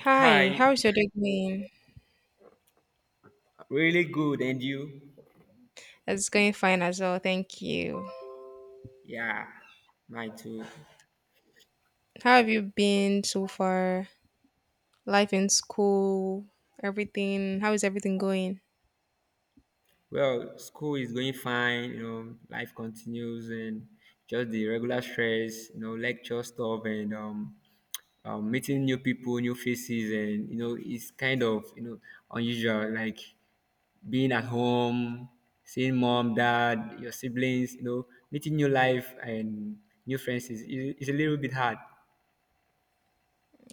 Hi, Hi, how's your day going? really good. And you? It's going fine as well, thank you. Yeah, mine too. How have you been so far? Life in school, everything. How is everything going? Well, school is going fine, you know, life continues and just the regular stress, you know, lecture stuff and meeting new people, new faces and you know, it's kind of, you know, unusual like being at home, seeing mom, dad, your siblings, you know, meeting new life and new friends is a little bit hard.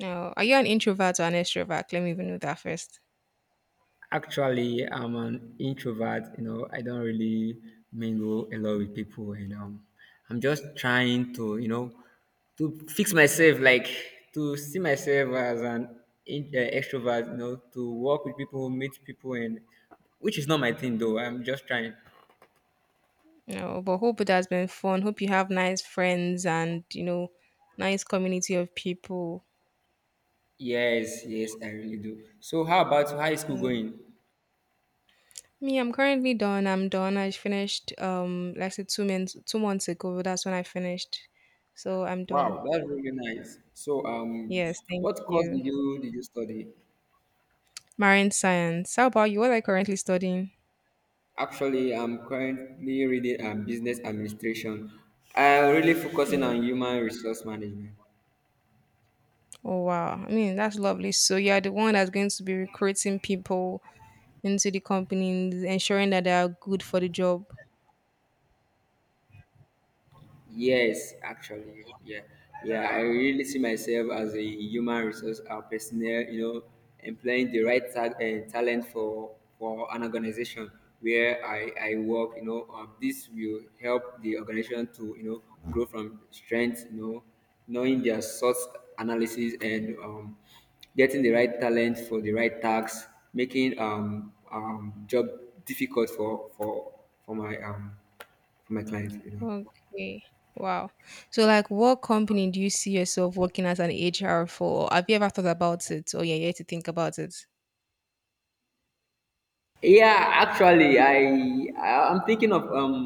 No, are you an introvert or an extrovert? Let me even know that first. Actually, I'm an introvert. You know, I don't really mingle a lot with people, and I'm just trying to, you know, to fix myself, like to see myself as an extrovert. You know, to work with people, meet people, and which is not my thing though. I'm just trying. No, but hope it has been fun. Hope you have nice friends and nice community of people. Yes, yes, I really do. So, how about you? How is school Mm. going? Me, I'm currently done. I'm done. I finished like I said, two months ago. That's when I finished. So I'm done. Wow. That's really nice. Yes, thank What course you. did you study? Marine science. How about you? What are you currently studying? Actually, I'm currently reading business administration. I'm really focusing on Mm. human resource management. Oh wow. I mean, that's lovely. So you are the one that's going to be recruiting people into the companies, ensuring that they are good for the job. Yes, actually, yeah, yeah. I really see myself as a human resource personnel. You know, employing the right talent for an organization where I work. You know, this will help the organization to you know grow from strength. You know, knowing their source analysis and getting the right talent for the right tasks, making job difficult for my um for my clients. You know. Okay. Wow. So like what company do you see yourself working as an HR for? Have you ever thought about it? Or you're yet to think about it? Yeah, actually, I'm thinking of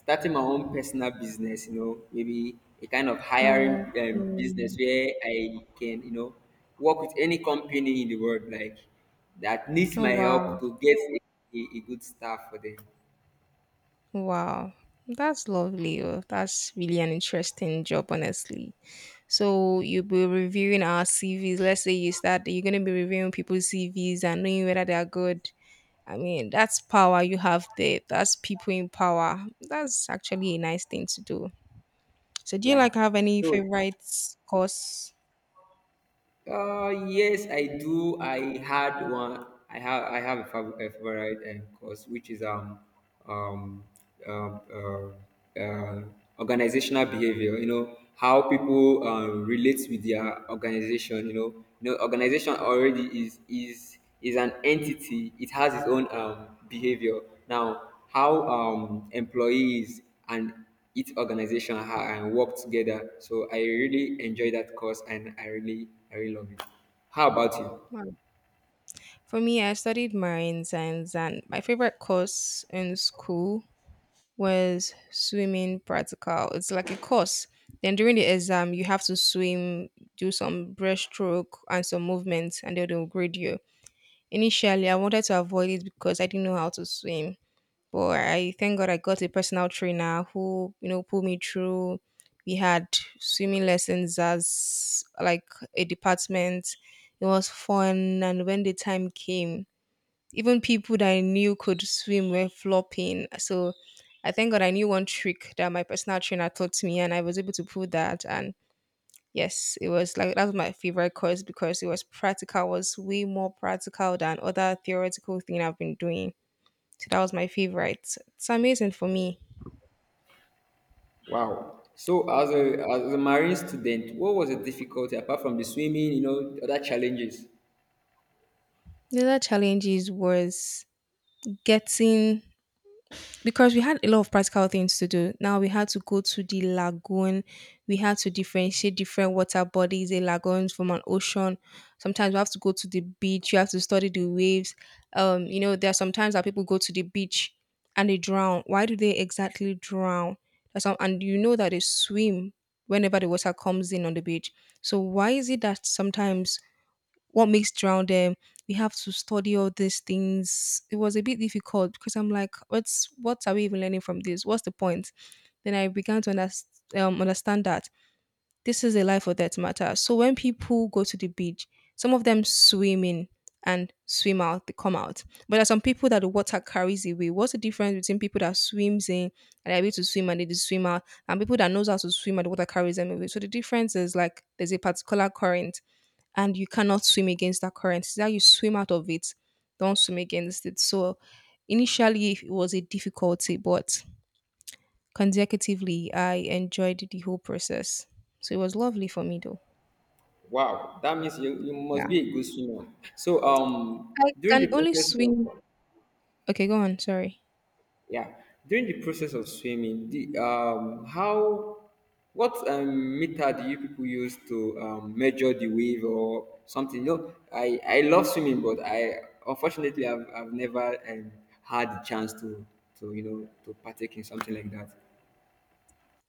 starting my own personal business. You know, maybe a kind of hiring Oh, business mm. where I can you know work with any company in the world like that needs Oh my wow. help to get a good staff for them. Wow. That's lovely. Oh, that's really an interesting job, honestly. So you'll be reviewing our CVs. Let's say you start, you're going to be reviewing people's CVs and knowing whether they are good. I mean, that's power you have there. That's people in power. That's actually a nice thing to do. So do you Yeah. like have any So favorite course? Yes, I do. I had one. I have a a favorite course, which is um um uh, uh, organizational behavior. You know how people relate with their organization. You know organization already is an entity. It has its own behavior. Now, how employees and each organization and work together. So I really enjoy that course and I really love it. How about you? Well, for me, I studied marine science, and my favorite course in school was swimming practical. It's like a course. Then during the exam, you have to swim, do some breaststroke and some movements, and then they'll grade you. Initially, I wanted to avoid it because I didn't know how to swim. But I thank God I got a personal trainer who, pulled me through. We had swimming lessons as like a department. It was fun. And when the time came, even people that I knew could swim were flopping. So I thank God I knew one trick that my personal trainer taught me and I was able to pull that. And yes, it was like that was my favorite course because it was practical, was way more practical than other theoretical thing I've been doing. So that was my favorite. It's amazing for me. Wow. So as a marine student, what was the difficulty apart from the swimming, you know, other challenges? The other challenges was getting because we had a lot of practical things to do. Now we had to go to the lagoon. We had to differentiate different water bodies, a lagoon from an ocean. Sometimes we have to go to the beach. You have to study the waves. There are sometimes that people go to the beach and they drown. Why do they exactly drown? That's some, and you know that they swim whenever the water comes in on the beach. So why is it that sometimes what makes drowned, we have to study all these things. It was a bit difficult because I'm like, what's, what are we even learning from this? What's the point? Then I began to understand that this is a life or death matter. So when people go to the beach, some of them swim in and swim out, they come out, but there are some people that the water carries away. What's the difference between people that swims in and are able to swim and they just swim out, and people that knows how to swim and the water carries them away? So the difference is like there's a particular current and you cannot swim against that current. It's that you swim out of it, don't swim against it. So initially it was a difficulty, but consecutively I enjoyed the whole process. So it was lovely for me though. Wow, that means you, you Yeah. must be a good swimmer. So I during the can only process. swim, okay, go on, sorry. Yeah. During the process of swimming, the how what meter do you people use to measure the wave or something? You know, I love swimming, but I unfortunately I've never had the chance to you know to partake in something like that.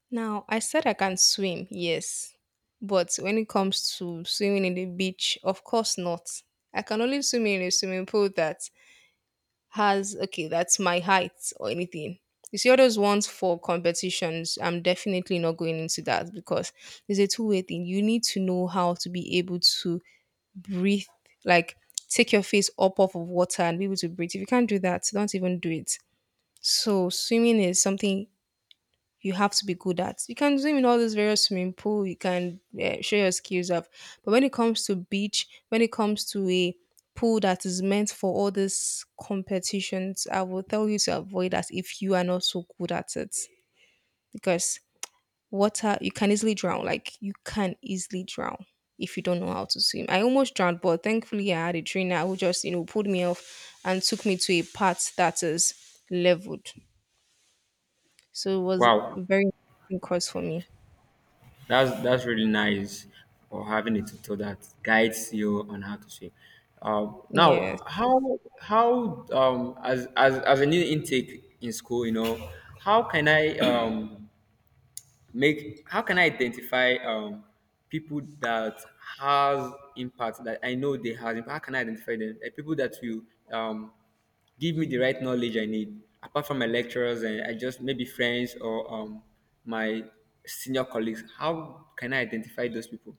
Now I said I can swim, yes. But when it comes to swimming in the beach, of course not. I can only swim in a swimming pool that has okay, that's my height or anything. You see all those ones for competitions. I'm definitely not going into that because it's a two-way thing. You need to know how to be able to breathe, like take your face up off of water and be able to breathe. If you can't do that, don't even do it. So swimming is something you have to be good at. You can swim in all these various swimming pool. You can show your skills up. But when it comes to beach, when it comes to a pool that is meant for all these competitions, I will tell you to avoid that if you are not so good at it. Because water, you can easily drown. Like you can easily drown if you don't know how to swim. I almost drowned, but thankfully I had a trainer who just, pulled me off and took me to a part that is leveled. So it was a Wow. very interesting course for me. That's really nice for having a tutor that guides you on how to swim. Yes, Now, how as as a new intake in school, you know, how can I make how can I identify people that has impact, that I know they has impact? How can I identify them? People that will um give me the right knowledge I need apart from my lecturers and I just maybe friends or my senior colleagues. How can I identify those people?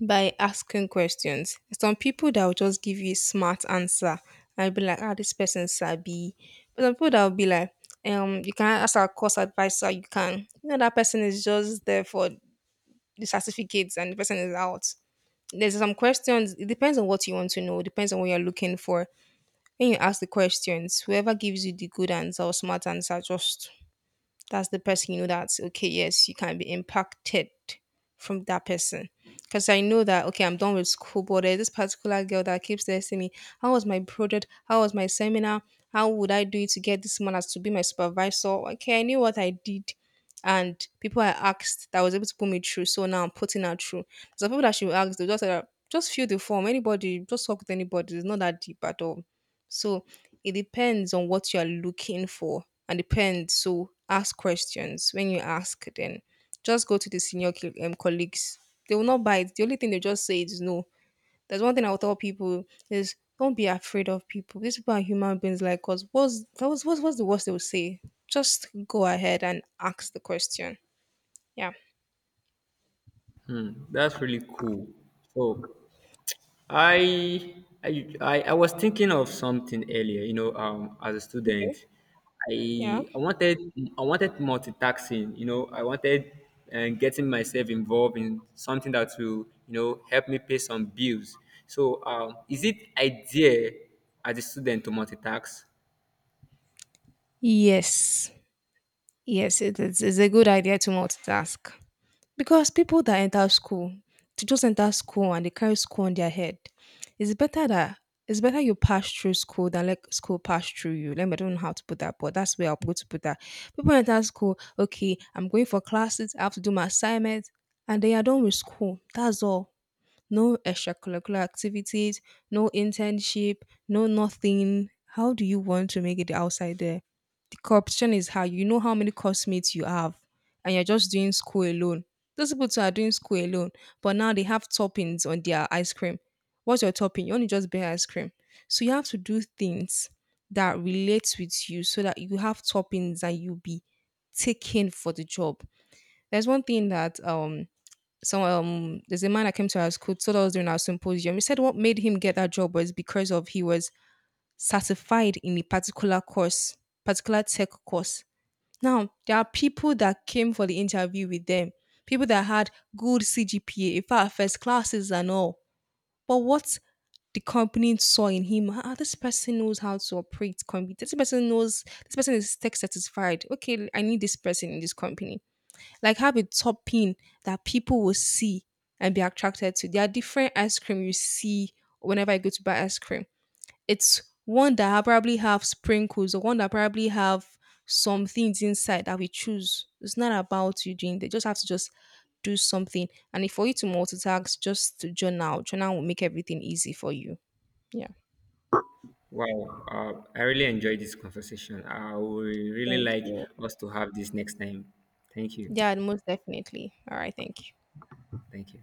by asking questions. Some people that will just give you a smart answer. I'll be like, ah, this person sabi. But some people that will be like, you can ask our course advisor, you can. You know, that person is just there for the certificates and the person is out. There's some questions, it depends on what you want to know, it depends on what you're looking for. When you ask the questions, whoever gives you the good answer or smart answer, just that's the person, you know, that's okay. Yes, you can be impacted from that person. Because I know that okay, I'm done with school, but there's this particular girl that keeps asking me, how was my project, how was my seminar, how would I do it to get this man as to be my supervisor? Okay, I knew what I did, and people I asked that was able to put me through. So now I'm putting her through. So people that she asked, they just said, just fill the form, anybody, just talk with anybody, it's not that deep at all. So it depends on what you are looking for and depends. So ask questions. When you ask, then just go to the senior colleagues. They will not buy it. The only thing they just say is no. There's one thing I will tell people is, don't be afraid of people. These people are human beings like us. What's that was what's the worst they will say? Just go ahead and ask the question. Yeah. Hmm, that's really cool. So I was thinking of something earlier, you know, as a student, Okay. Yeah. I I wanted I wanted multitasking, you know, I wanted and getting myself involved in something that will, you know, help me pay some bills. So, is it idea as a student to multitask? Yes. Yes, it is. It's a good idea to multitask. Because people that enter school, to just enter school and they carry school on their head. It's better that it's better you pass through school than let school pass through you. Let me, I don't know how to put that, but that's where I'm going to put that. People enter school, okay, I'm going for classes, I have to do my assignments, and they are done with school. That's all. No extracurricular activities, no internship, no nothing. How do you want to make it outside there? The corruption is high. You know how many classmates you have, and you're just doing school alone. Those people too are doing school alone, but now they have toppings on their ice cream. What's your topping? You only just buy ice cream. So you have to do things that relates with you so that you have toppings and you be taken for the job. There's one thing that there's a man that came to our school, told us during our symposium. He said what made him get that job was because of he was certified in a particular course, particular tech course. Now there are people that came for the interview with them, people that had good CGPA, in fact first classes and all, but what the company saw in him, ah, this person knows how to operate company, this person knows, this person is tech satisfied, okay, I need this person in this company. Like, have a topping that people will see and be attracted to. There are different ice cream you see whenever I go to buy ice cream. It's one that probably have sprinkles or one that probably have some things inside that we choose. It's not about you doing. They just have to just do something. And if for you to multitask, just journal. Journal will make everything easy for you. Yeah. Wow, I really enjoyed this conversation. I would really Thank like you. us to have this next time. Thank you. Yeah, most definitely. All right. Thank you. Thank you.